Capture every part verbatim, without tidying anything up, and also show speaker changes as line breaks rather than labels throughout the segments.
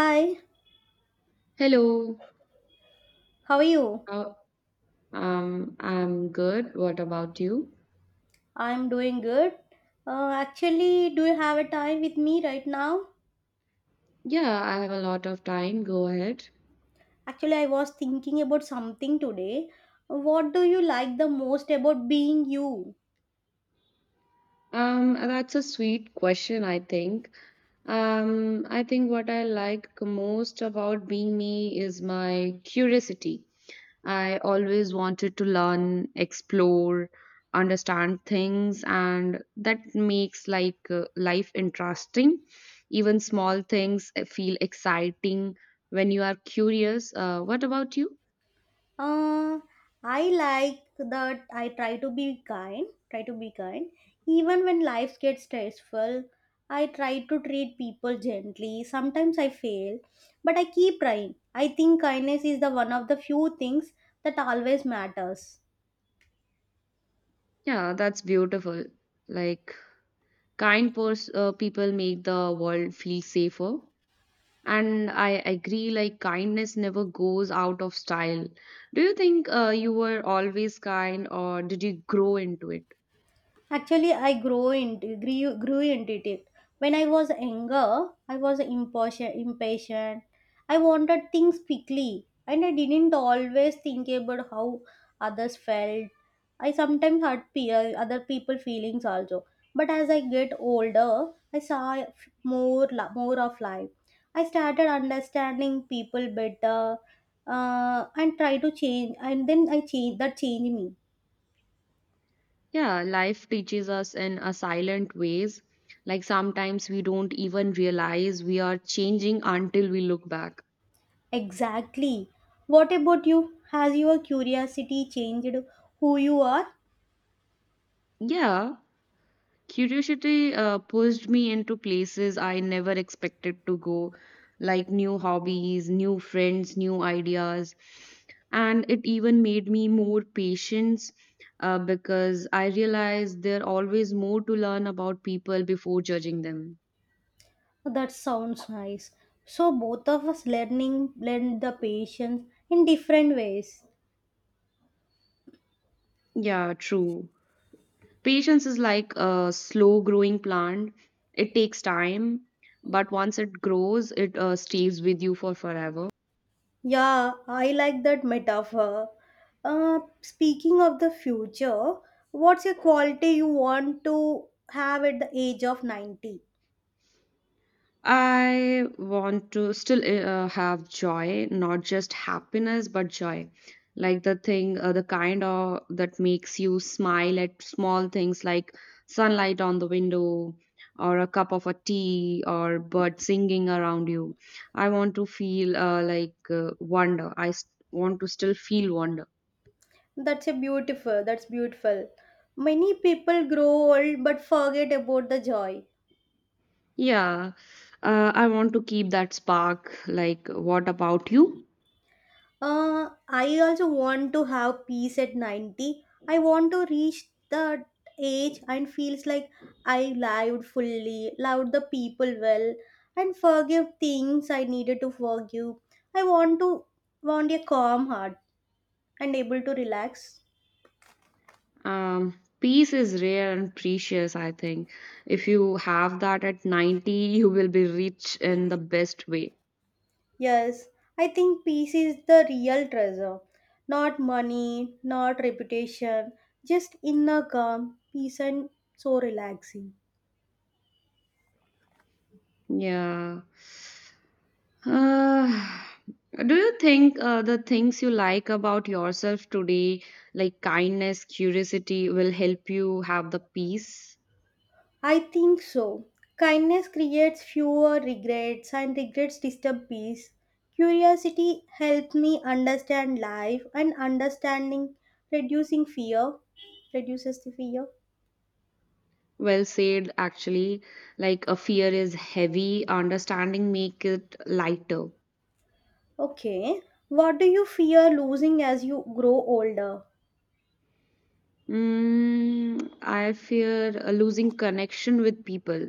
Hi,
Hello.
how are you?
How um, I'm good. What about you?
I'm doing good. Uh, actually, do you have a time with me right now?
Yeah, I have a lot of time. Go ahead.
Actually, I was thinking about something today. What do you like the most about being you?
Um, that's a sweet question, I think. Um, I think what I like most about being me is my curiosity. I always wanted to learn, explore, understand things, and that makes like uh, life interesting. Even small things uh, feel exciting when you are curious. Uh, what about you?
Uh, I like that I try to be kind, try to be kind. Even when life gets stressful, I try to treat people gently. Sometimes I fail, but I keep trying. I think kindness is the one of the few things that always matters.
Yeah, that's beautiful. Like kind pers- uh, people make the world feel safer. And I agree, like kindness never goes out of style. Do you think uh, you were always kind, or did you grow into it?
Actually, I grow into grew, grew into it. When I was younger, I was impatient. impatient. I wanted things quickly, and I didn't always think about how others felt. I sometimes hurt peer, other people' feelings also. But as I get older, I saw f- more la- more of life. I started understanding people better, uh, and try to change. And then I change that changed me.
Yeah, life teaches us in a silent ways. Like sometimes we don't even realize we are changing until we look back.
Exactly. What about you? Has your curiosity changed who you are?
Yeah, curiosity uh, pushed me into places I never expected to go, like new hobbies, new friends, new ideas. And it even made me more patient uh, because I realized there always more to learn about people before judging them.
That sounds nice. So both of us learning learned the patience in different ways.
Yeah, true. Patience is like a slow growing plant. It takes time, but once it grows, it uh, stays with you for forever.
Yeah, I like that metaphor. Uh, speaking of the future, what's a quality you want to have at the age of ninety?
I want to still uh, have joy, not just happiness, but joy. Like the thing, uh, the kind of that makes you smile at small things like sunlight on the window, or a cup of a tea, or birds singing around you. I want to feel uh, like uh, wonder. I s- want to still feel wonder.
That's a beautiful. That's beautiful. Many people grow old but forget about the joy.
Yeah, uh, I want to keep that spark. Like, what about you?
Uh, I also want to have peace at ninety. I want to reach that age and feels like I lived fully, loved the people well, and forgive things I needed to forgive. I want to want a calm heart and able to relax.
Um, peace is rare and precious, I think. If you have that at ninety, you will be rich in the best way.
Yes, I think peace is the real treasure. Not money, not reputation, just inner calm, peace and so relaxing.
Yeah. Uh, do you think uh, the things you like about yourself today, like kindness, curiosity, will help you have the peace?
I think so. Kindness creates fewer regrets, and regrets disturb peace. Curiosity helped me understand life, and understanding reducing fear reduces the fear.
Well said, actually. Like, a fear is heavy, understanding make it lighter.
Okay, what do you fear losing as you grow older?
Mm, I fear uh, losing connection with people.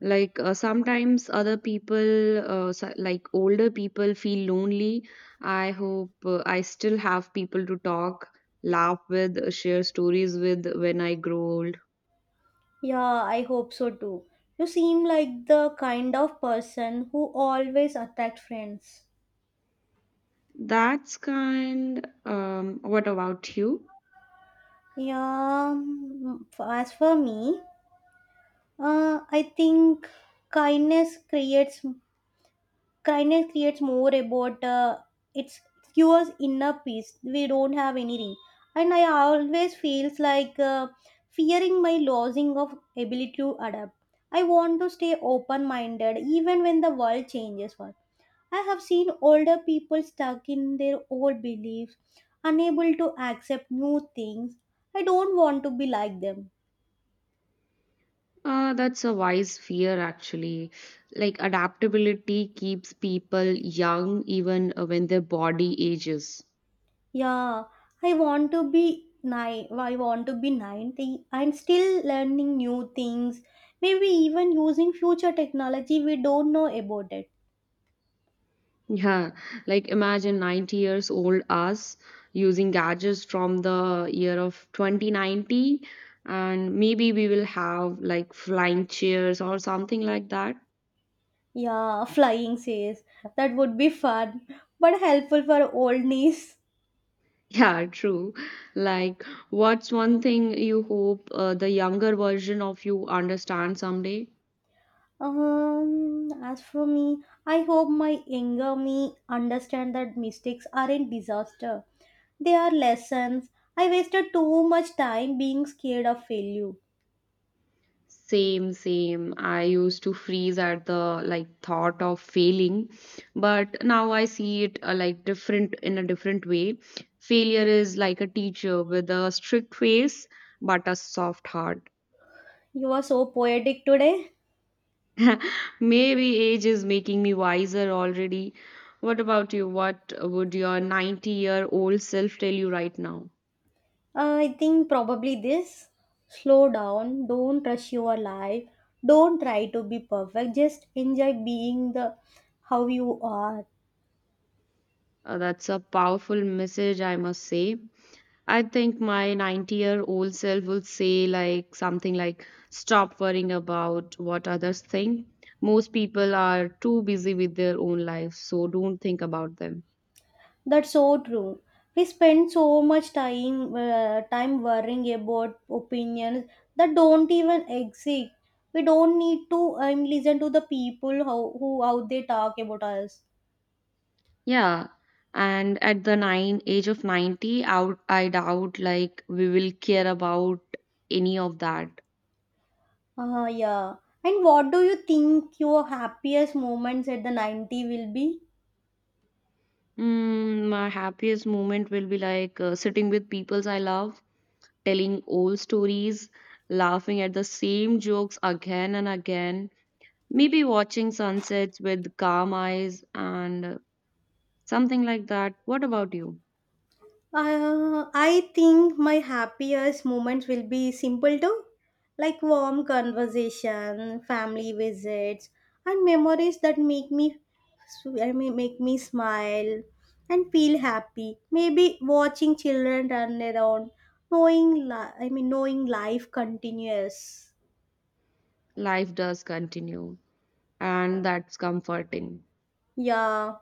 Like uh, sometimes other people, uh, so- like older people, feel lonely. I hope uh, I still have people to talk, laugh with, uh, share stories with when I grow old.
Yeah, I hope so too. You seem like the kind of person who always attract friends.
That's kind. Um, what about you?
Yeah, mm, f- as for me, Uh, I think kindness creates kindness creates more about uh, it's cures inner peace. We don't have any ring, and I always feels like uh, fearing my losing of ability to adapt. I want to stay open minded even when the world changes. One, I have seen older people stuck in their old beliefs, unable to accept new things. I don't want to be like them.
Uh, that's a wise fear, actually. Like adaptability keeps people young even uh, when their body ages.
Yeah, I want to be nine. I want to be ninety and still learning new things. Maybe even using future technology we don't know about it.
Yeah, like imagine ninety years old us using gadgets from the year of twenty ninety, and maybe we will have like flying chairs or something like that.
Yeah, flying says that would be fun but helpful for old knees.
Yeah, true. Like, what's one thing you hope uh, the younger version of you understands someday?
Um, as for me, I hope my younger me understand that mistakes aren't disaster. They are lessons. I wasted too much time being scared of failure.
Same, same. I used to freeze at the like thought of failing, but now I see it uh, like different in a different way. Failure is like a teacher with a strict face but a soft heart.
You are so poetic today.
Maybe age is making me wiser already. What about you? What would your ninety year old self tell you right now?
Uh, I think probably this. Slow down. Don't rush your life. Don't try to be perfect. Just enjoy being the how you are.
Uh, that's a powerful message, I must say. I think my ninety year old self would say like something like stop worrying about what others think. Most people are too busy with their own lives, so don't think about them.
That's so true. We spend so much time uh, time worrying about opinions that don't even exist. We don't need to um, listen to the people how who how they talk about us.
Yeah. And at the nine age of ninety, out I doubt like we will care about any of that.
Ah, yeah. And what do you think your happiest moments at the ninety will be?
Mm, my happiest moment will be like uh, sitting with peoples I love, telling old stories, laughing at the same jokes again and again. Maybe watching sunsets with calm eyes and something like that. What about you?
Uh, I think my happiest moments will be simple too, like warm conversation, family visits, and memories that make me, I mean, make me smile and feel happy. Maybe watching children run around, knowing, li- I mean, knowing life continues.
Life does continue, and that's comforting.
Yeah.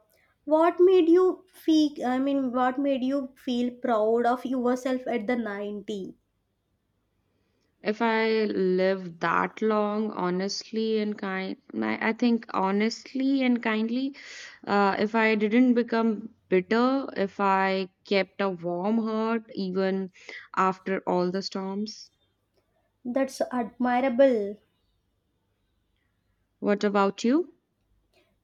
What made you feel? I mean, what made you feel proud of yourself at the ninety?
If I live that long, honestly and kind, I I think honestly and kindly, uh, if I didn't become bitter, if I kept a warm heart even after all the storms.
That's admirable.
What about you?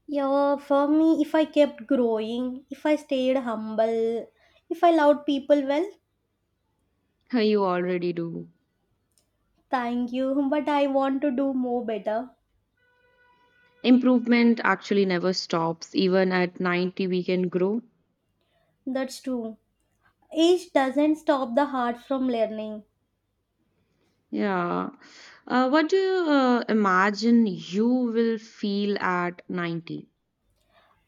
Yeah, for me, if I kept growing, if I stayed humble, if I loved people well,
You already do.
thank you. But I want to do more better.
Improvement actually never stops. Even at ninety, we can grow.
That's true. Age doesn't stop the heart from learning.
Yeah. Uh, what do you uh, imagine you will feel at ninety?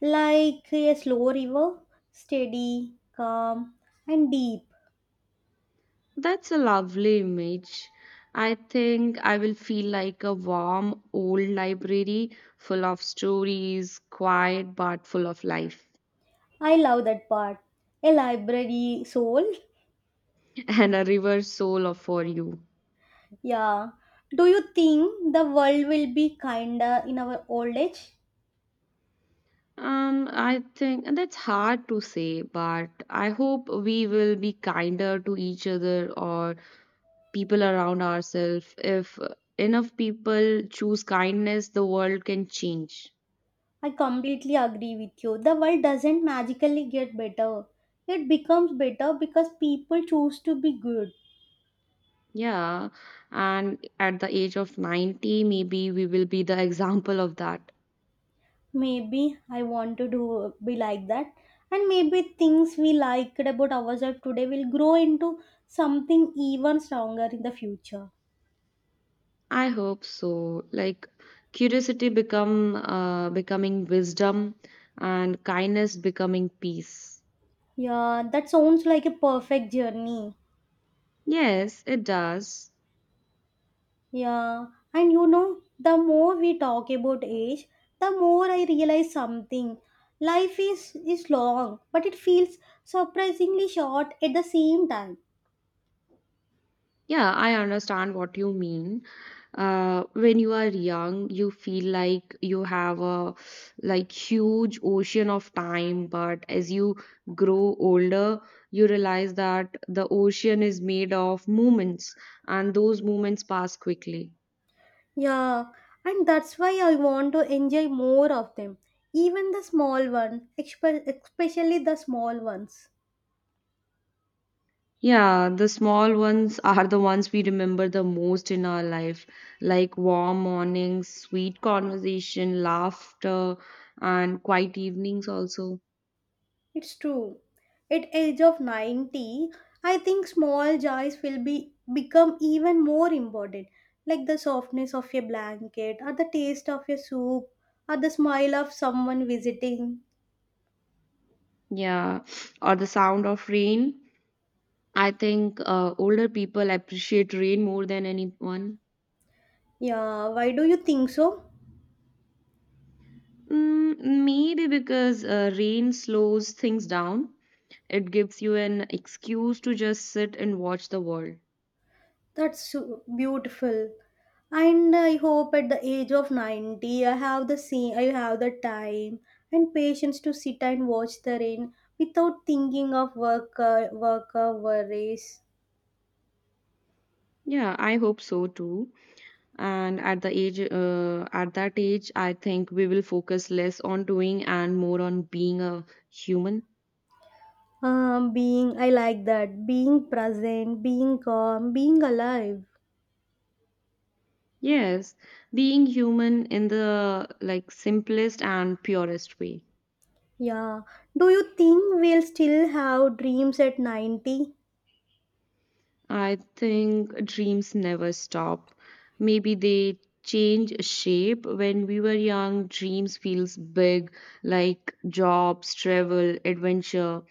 Like a slow river, steady, calm, and deep.
That's a lovely image. I think I will feel like a warm old library full of stories, quiet but full of life,
I love that part. A library soul.
and a river soul of for you.
Yeah. Do you think the world will be kinder in our old age?
Um, I think and that's hard to say, but I hope we will be kinder to each other or people around ourselves. If enough people choose kindness, the world can change.
I completely agree with you. The world doesn't magically get better. It becomes better because people choose to be good.
Yeah, and at the age of ninety, maybe we will be the example of that.
Maybe I want to do be like that. And maybe things we liked about ourselves today will grow into something even stronger in the future.
I hope so. Like curiosity become uh, becoming wisdom and kindness becoming peace.
Yeah, that sounds like a perfect journey.
Yes, it does.
Yeah, and you know, the more we talk about age, the more I realize something. Life is, is long, but it feels surprisingly short at the same time.
Yeah, I understand what you mean. Uh, when you are young, you feel like you have a like huge ocean of time, but as you grow older, you realize that the ocean is made of moments, and those moments pass quickly.
Yeah, and that's why I want to enjoy more of them, even the small ones, expe- especially the small ones.
Yeah, the small ones are the ones we remember the most in our life, like warm mornings, sweet conversation, laughter, and quiet evenings also.
It's true. At age of ninety, I think small joys will be become even more important, like the softness of a blanket or the taste of a soup or the smile of someone visiting.
Yeah, or the sound of rain. I think uh, older people appreciate rain more than anyone.
Yeah, why do you think so?
Mm, maybe because uh, rain slows things down. It gives you an excuse to just sit and watch the world.
That's so beautiful. And I hope at the age of ninety I have the same I have the time and patience to sit and watch the rain without thinking of work uh, work uh, worries.
Yeah, I hope so too. And at the age, uh, at that age, I think we will focus less on doing and more on being a human.
Um, being, I like that. Being present, being calm, being alive.
Yes, being human in the like simplest and purest way.
Yeah. Do you think we'll still have dreams at ninety?
I think dreams never stop. Maybe they change shape. When we were young, dreams feels big, like jobs, travel, adventure.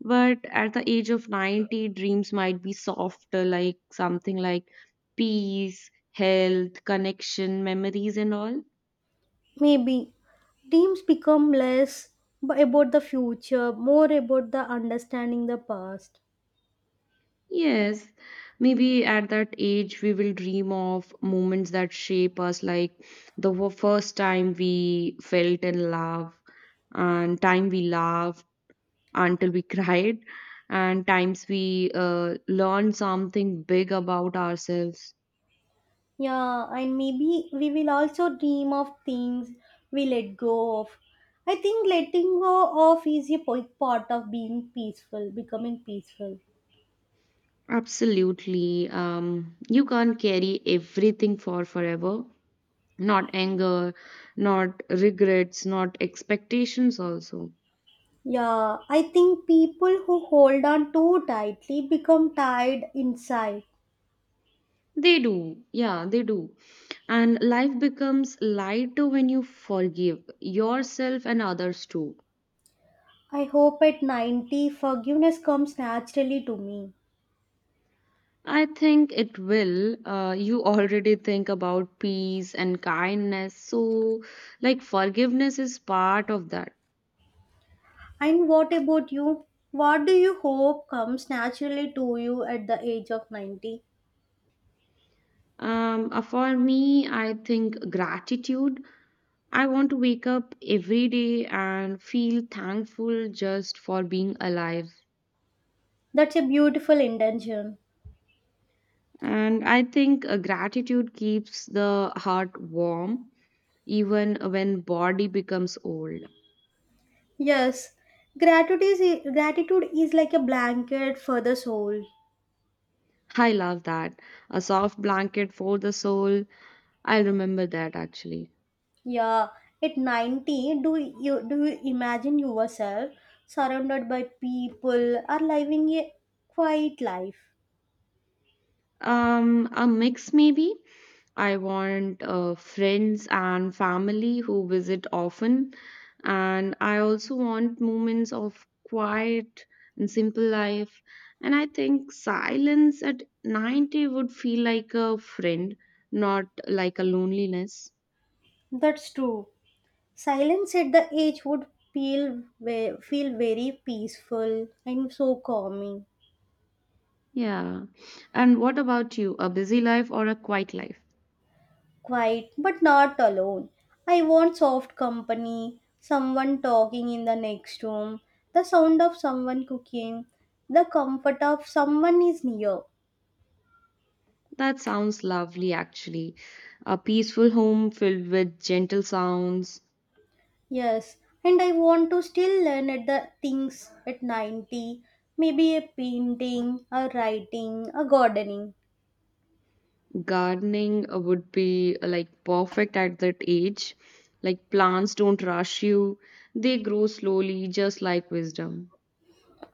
But at the age of ninety, dreams might be softer, like something like peace, health, connection, memories and all.
Maybe. Dreams become less b- about the future, more about the understanding the past.
Yes, maybe at that age we will dream of moments that shape us, like the wo- first time we felt in love, and time we laughed until we cried, and times we uh, learned something big about ourselves.
Yeah, and maybe we will also dream of things we let go of. I think letting go of is a po- part of being peaceful, becoming peaceful.
Absolutely. Um, you can't carry everything for forever, not anger, not regrets, not expectations, also.
Yeah, I think people who hold on too tightly become tired inside.
They do. Yeah, they do. And life becomes lighter when you forgive yourself and others too.
I hope at ninety forgiveness comes naturally to me.
I think it will. Uh, you already think about peace and kindness. So, like, forgiveness is part of that.
And what about you? What do you hope comes naturally to you at the age of ninety?
Um, uh, for me, I think gratitude. I want to wake up every day and feel thankful just for being alive.
That's a beautiful intention.
And I think uh, gratitude keeps the heart warm even when body becomes old.
Yes, gratitude is, gratitude is like a blanket for the soul.
I love that. A soft blanket for the soul. I'll remember that actually.
Yeah, at ninety, do you do you imagine yourself surrounded by people or living a quiet life?
Um, a mix maybe. I want uh, friends and family who visit often, and I also want moments of quiet and simple life. And I think silence at ninety would feel like a friend, not like a loneliness.
That's true. Silence at the age would feel ve- feel very peaceful and so calming.
Yeah. And what about you? A busy life or a quiet life?
Quiet, but not alone. I want soft company, someone talking in the next room, the sound of someone cooking, the comfort of someone is near.
That sounds lovely, actually. A peaceful home filled with gentle sounds.
Yes, and I want to still learn at the things at ninety, maybe a painting, a writing, a gardening.
Gardening uh, would be uh, like perfect at that age. Like plants don't rush you, they grow slowly, just like wisdom.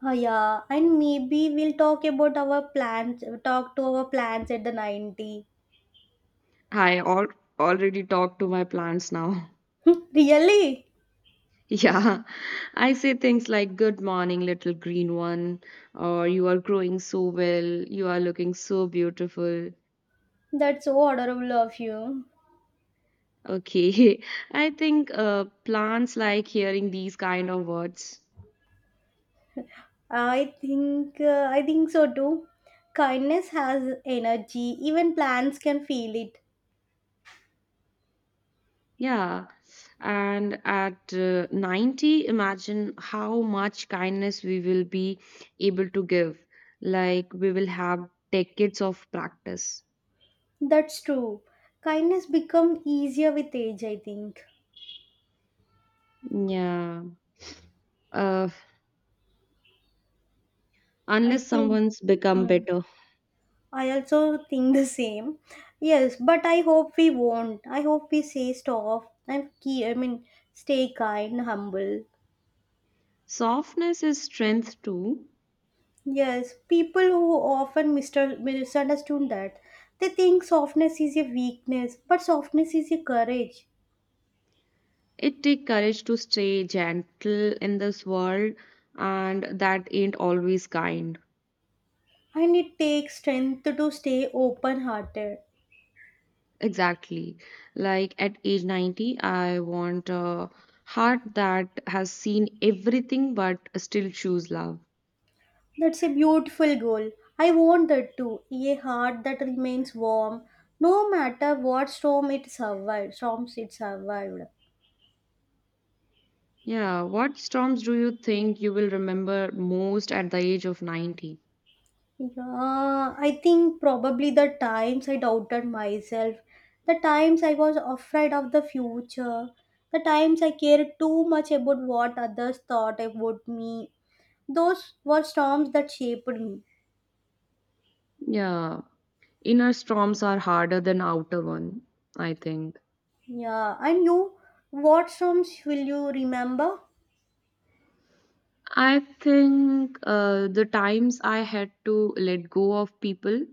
Uh, yeah, and maybe we'll talk about our plans, talk to our plans at the ninety.
I al already talked to my plants now.
Really?
Yeah, I say things like, "Good morning, little green one," or "You are growing so well, you are looking so beautiful."
That's so adorable of you.
Okay, I think uh, plants like hearing these kind of words.
I think uh, I think so too. Kindness has energy. Even plants can feel it.
Yeah, and at uh, ninety, imagine how much kindness we will be able to give. Like, we will have decades of practice.
That's true. Kindness become easier with age, I think.
Yeah, uh,
I
unless
think.
someone's become
hmm.
better.
I also think the same. Yes, but I hope we won't. I hope we say stop and key. I mean, stay kind, humble.
Softness is strength too.
Yes, people who often mister- misunderstood that they think softness is a weakness, but softness is a courage,
It takes courage to stay gentle in this world, and that ain't always kind.
and it takes strength to stay open-hearted.
Exactly. Like at age ninety, I want a heart that has seen everything but still choose love.
That's a beautiful goal. I want that too. A heart that remains warm, no matter what storm it survived. Storms it survived.
Yeah, what storms do you think you will remember most at the age of ninety?
Yeah, I think probably the times I doubted myself, the times I was afraid of the future, the times I cared too much about what others thought about me. Those were storms that shaped me.
Yeah, inner storms are harder than outer one, I think.
Yeah, and you, what storms will you remember?
I think uh, the times I had to let go of people,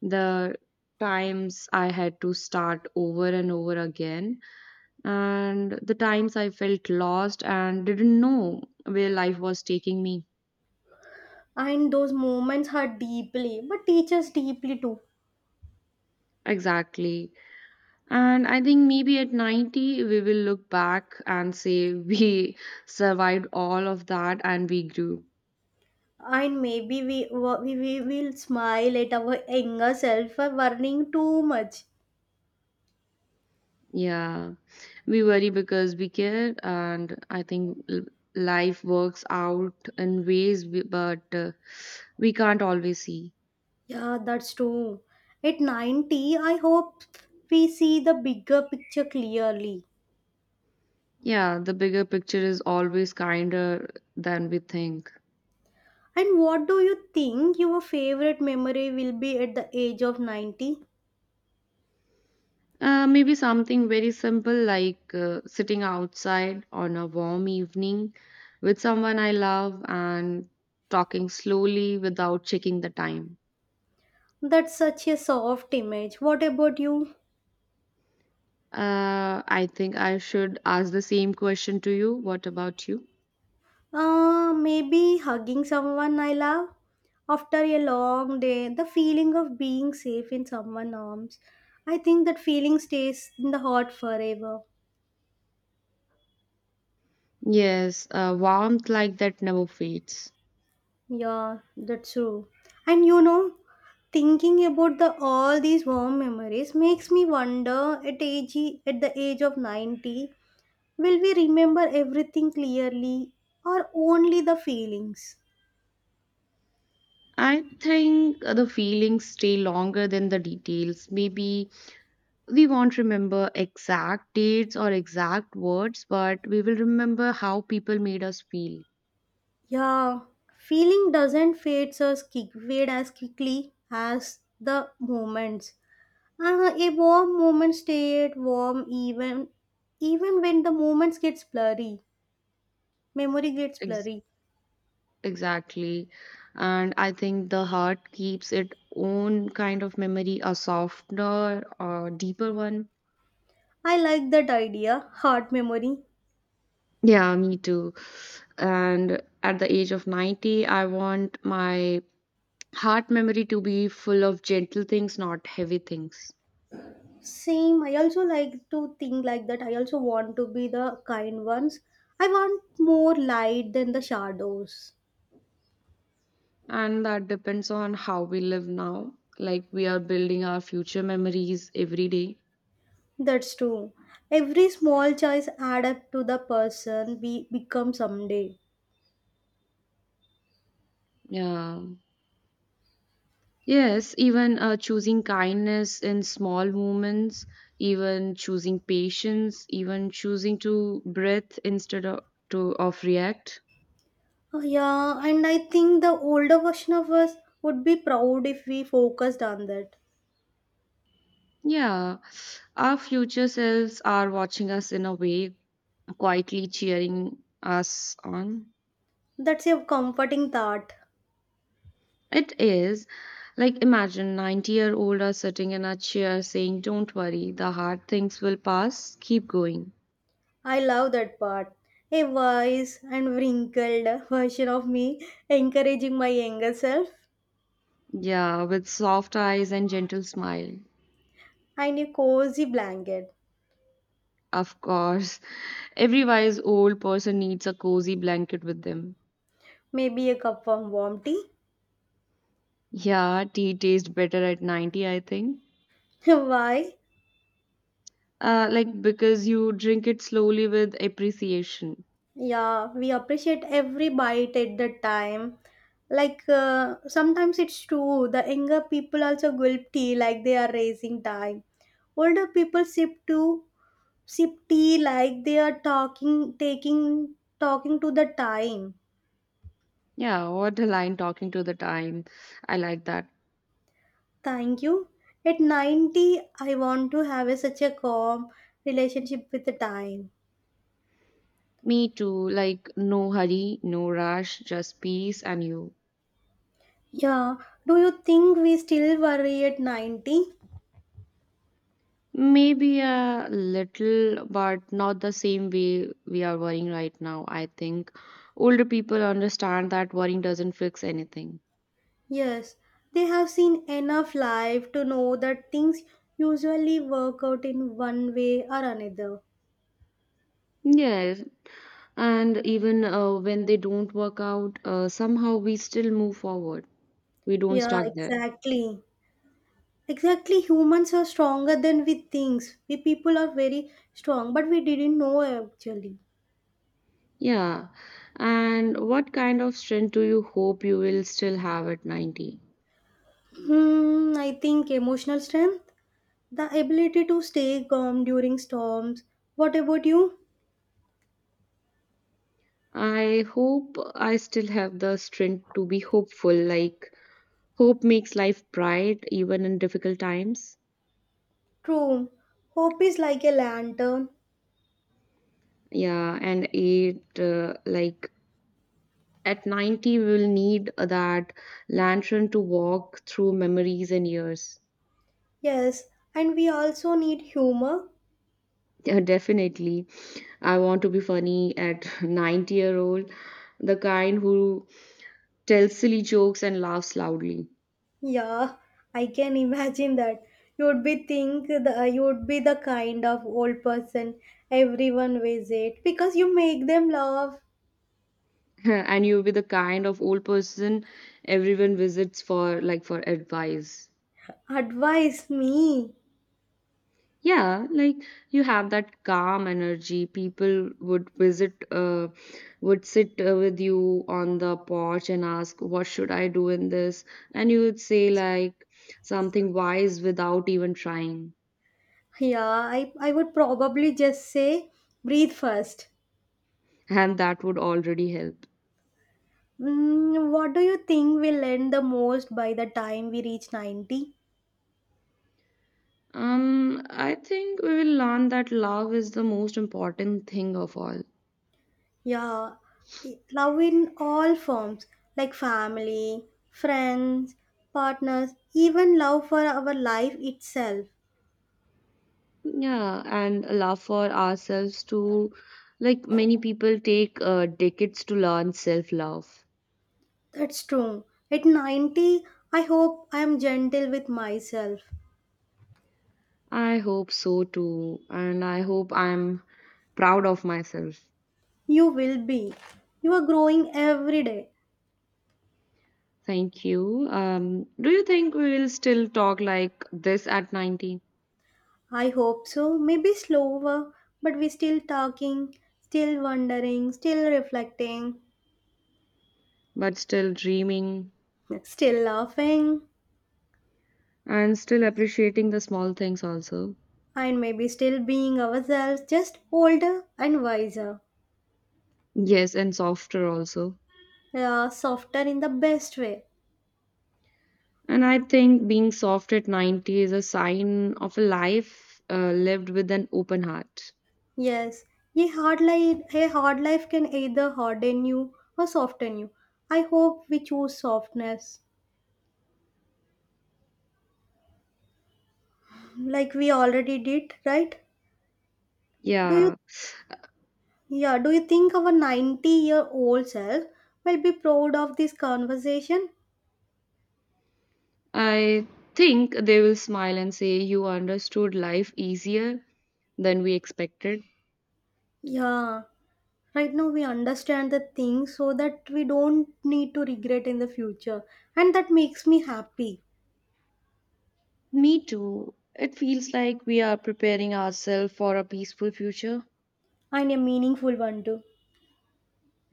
the times I had to start over and over again, and the times I felt lost and didn't know where life was taking me.
And those moments hurt deeply, but teach us deeply too.
Exactly. And I think maybe at ninety, we will look back and say we survived all of that and we grew.
And maybe we we, we will smile at our younger self for worrying too much.
Yeah. We worry because we care, and I think l- life works out in ways, we, but uh, we can't always see.
Yeah, that's true. At ninety, I hope we see the bigger picture clearly.
Yeah, the bigger picture is always kinder than we think.
And what do you think your favorite memory will be at the age of ninety?
Uh, maybe something very simple like uh, sitting outside on a warm evening with someone I love and talking slowly without checking the time.
That's such a soft image. What about you?
Uh, I think I should ask the same question to you. What about you?
Uh, maybe hugging someone I love. After a long day, the feeling of being safe in someone's arms. I think that feeling stays in the heart forever.
Yes, uh, warmth like that never fades.
Yeah, that's true. And you know, thinking about the all these warm memories makes me wonder at age at the age of ninety will we remember everything clearly or only the feelings?
I think the feelings stay longer than the details. Maybe we won't remember exact dates or exact words, but we will remember how people made us feel.
Yeah, feeling doesn't fade as quick, fade as quickly as the moments. Uh, a warm moment stayed warm even even when the moments gets blurry. Memory gets
Ex-
blurry.
exactly. And I think the heart keeps its own kind of memory, a softer or deeper one.
I like that idea, heart memory.
Yeah, me too. And at the age of ninety, I want my heart memory to be full of gentle things, not heavy things.
Same, I also like to think like that. I also want to be the kind ones. I want more light than the shadows.
And that depends on how we live now. Like we are building our future memories every day.
That's true. Every small choice add up to the person we become someday.
Yeah. Yes, even uh, choosing kindness in small moments, even choosing patience, even choosing to breathe instead of to of react.
Oh, yeah, and I think the older version of us would be proud if we focused on that.
Yeah, our future selves are watching us in a way, quietly cheering us on.
That's a comforting thought.
It is like imagine ninety year old are sitting in a chair saying, "Don't worry, the hard things will pass. Keep going."
I love that part. A wise and wrinkled version of me encouraging my younger self
Yeah, with soft eyes and gentle smile.
and a cozy blanket.
Of course. Every wise old person needs a cozy blanket with them.
Maybe a cup of warm tea.
Yeah, tea tastes better at ninety, I think.
Why?
Uh, like, because you drink it slowly with appreciation.
Yeah, we appreciate every bite at the time. Like uh, sometimes it's true, the younger people also gulp tea like they are raising time. Older people sip too, sip tea like they are talking, taking, talking to the time.
Yeah, what a line talking to the time. I like that.
Thank you. At ninety, I want to have a, such a calm relationship with the time.
Me too. Like, no hurry, no rush, just peace and you.
Yeah. Do you think we still worry at ninety?
Maybe a little, but not the same way we are worrying right now, I think. Older people understand that worrying doesn't fix anything.
Yes. They have seen enough life to know that things usually work out in one way or another.
Yes, and even uh, when they don't work out, uh, somehow we still move forward. We don't
Yeah,
stuck there.
exactly. Exactly. Humans are stronger than we think. We people are very strong, but we didn't know actually.
Yeah. And what kind of strength do you hope you will still have at ninety?
Hmm, I think emotional strength. The ability to stay calm during storms. What about you?
I hope I still have the strength to be hopeful. Like, hope makes life bright even in difficult times.
True. Hope is like a lantern.
Yeah. And it, uh, like, at ninety, we will need that lantern to walk through memories and years.
Yes, and we also need humor.
Yeah, definitely. I want to be funny at ninety year old, the kind who tells silly jokes and laughs loudly.
Yeah, I can imagine that. You would be think the you would be the kind of old person everyone visit because you make them laugh.
And you'll be the kind of old person everyone visits for like for advice.
Advise me.
Yeah, like you have that calm energy. People would visit uh would sit uh, with you on the porch and ask, "What should I do in this?" And you would say like something wise without even trying.
Yeah, I, I would probably just say breathe first.
And that would already help.
Mm, what do you think will end the most by the time we reach ninety?
Um, I think we will learn that love is the most important thing of all.
Yeah, i- love in all forms like family, friends, partners, even love for our life itself.
Yeah, and a love for ourselves too. Like many people take uh, decades to learn self-love.
That's true. At ninety, I hope I am gentle with myself.
I hope so too, and I hope I'm proud of myself.
You will be. You are growing every day.
Thank you. Um, do you think we will still talk like this at ninety,
I hope so. Maybe slower, but we still talking, still wondering, still reflecting.
but still dreaming
Still laughing
and still appreciating the small things also?
and maybe still being ourselves, just older and wiser,
Yes, and softer also.
uh, softer in the best way.
And I think being soft at ninety is a sign of a life uh, lived with an open heart.
Yes, a hard life, a hard life can either harden you or soften you. I hope we choose softness, like we already did, right? Do you,
Yeah,
yeah, do you think our ninety year old self will be proud of this conversation?
I think they will smile and say, "You understood life easier than we expected."
Yeah, right now we understand the things so that we don't need to regret in the future and that makes me happy
Me too. It feels like we are preparing ourselves for a peaceful future.
and a meaningful one too.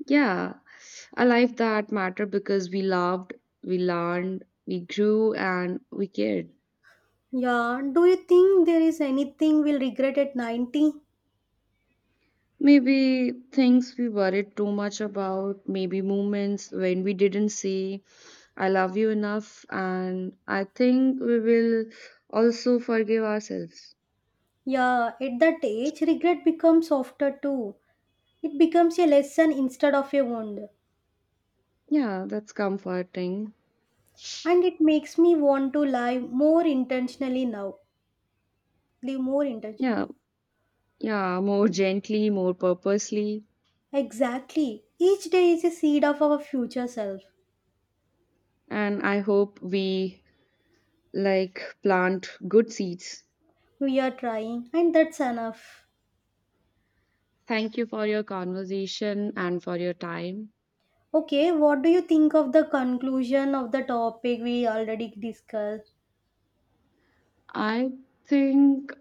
Yeah, a life that mattered because we loved, we learned, we grew, and we cared.
Yeah, do you think there is anything we'll regret at ninety?
Maybe things we worried too much about, maybe moments when we didn't say, "I love you" enough, and I think we will also forgive ourselves.
Yeah, at that age regret becomes softer too. It becomes a lesson instead of a wound
Yeah, that's comforting.
and it makes me want to live more intentionally now live more intentionally
Yeah,
now.
yeah, more gently, more purposely,
Exactly, each day is a seed of our future self.
and I hope we like plant good seeds.
We are trying and that's enough.
Thank you for your conversation and for your time.
Okay, what do you think of the conclusion of the topic we already discussed?
I think.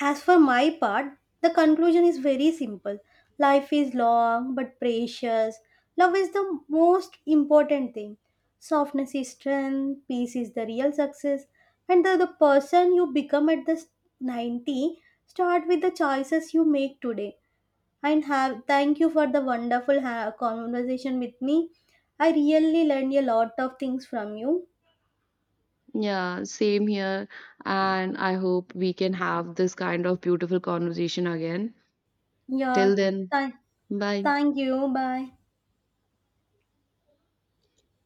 As for my part, the conclusion is very simple. Life is long but precious. Love is the most important thing. Softness is strength, peace is the real success, and the, the person you become at the s- ninety start with the choices you make today. And have thank you for the wonderful ha- conversation with me. I really learned a lot of things from you.
Yeah, same here. And I hope we can have this kind of beautiful conversation again. Till
Yeah.
then,
Th-
bye.
Thank you. Bye.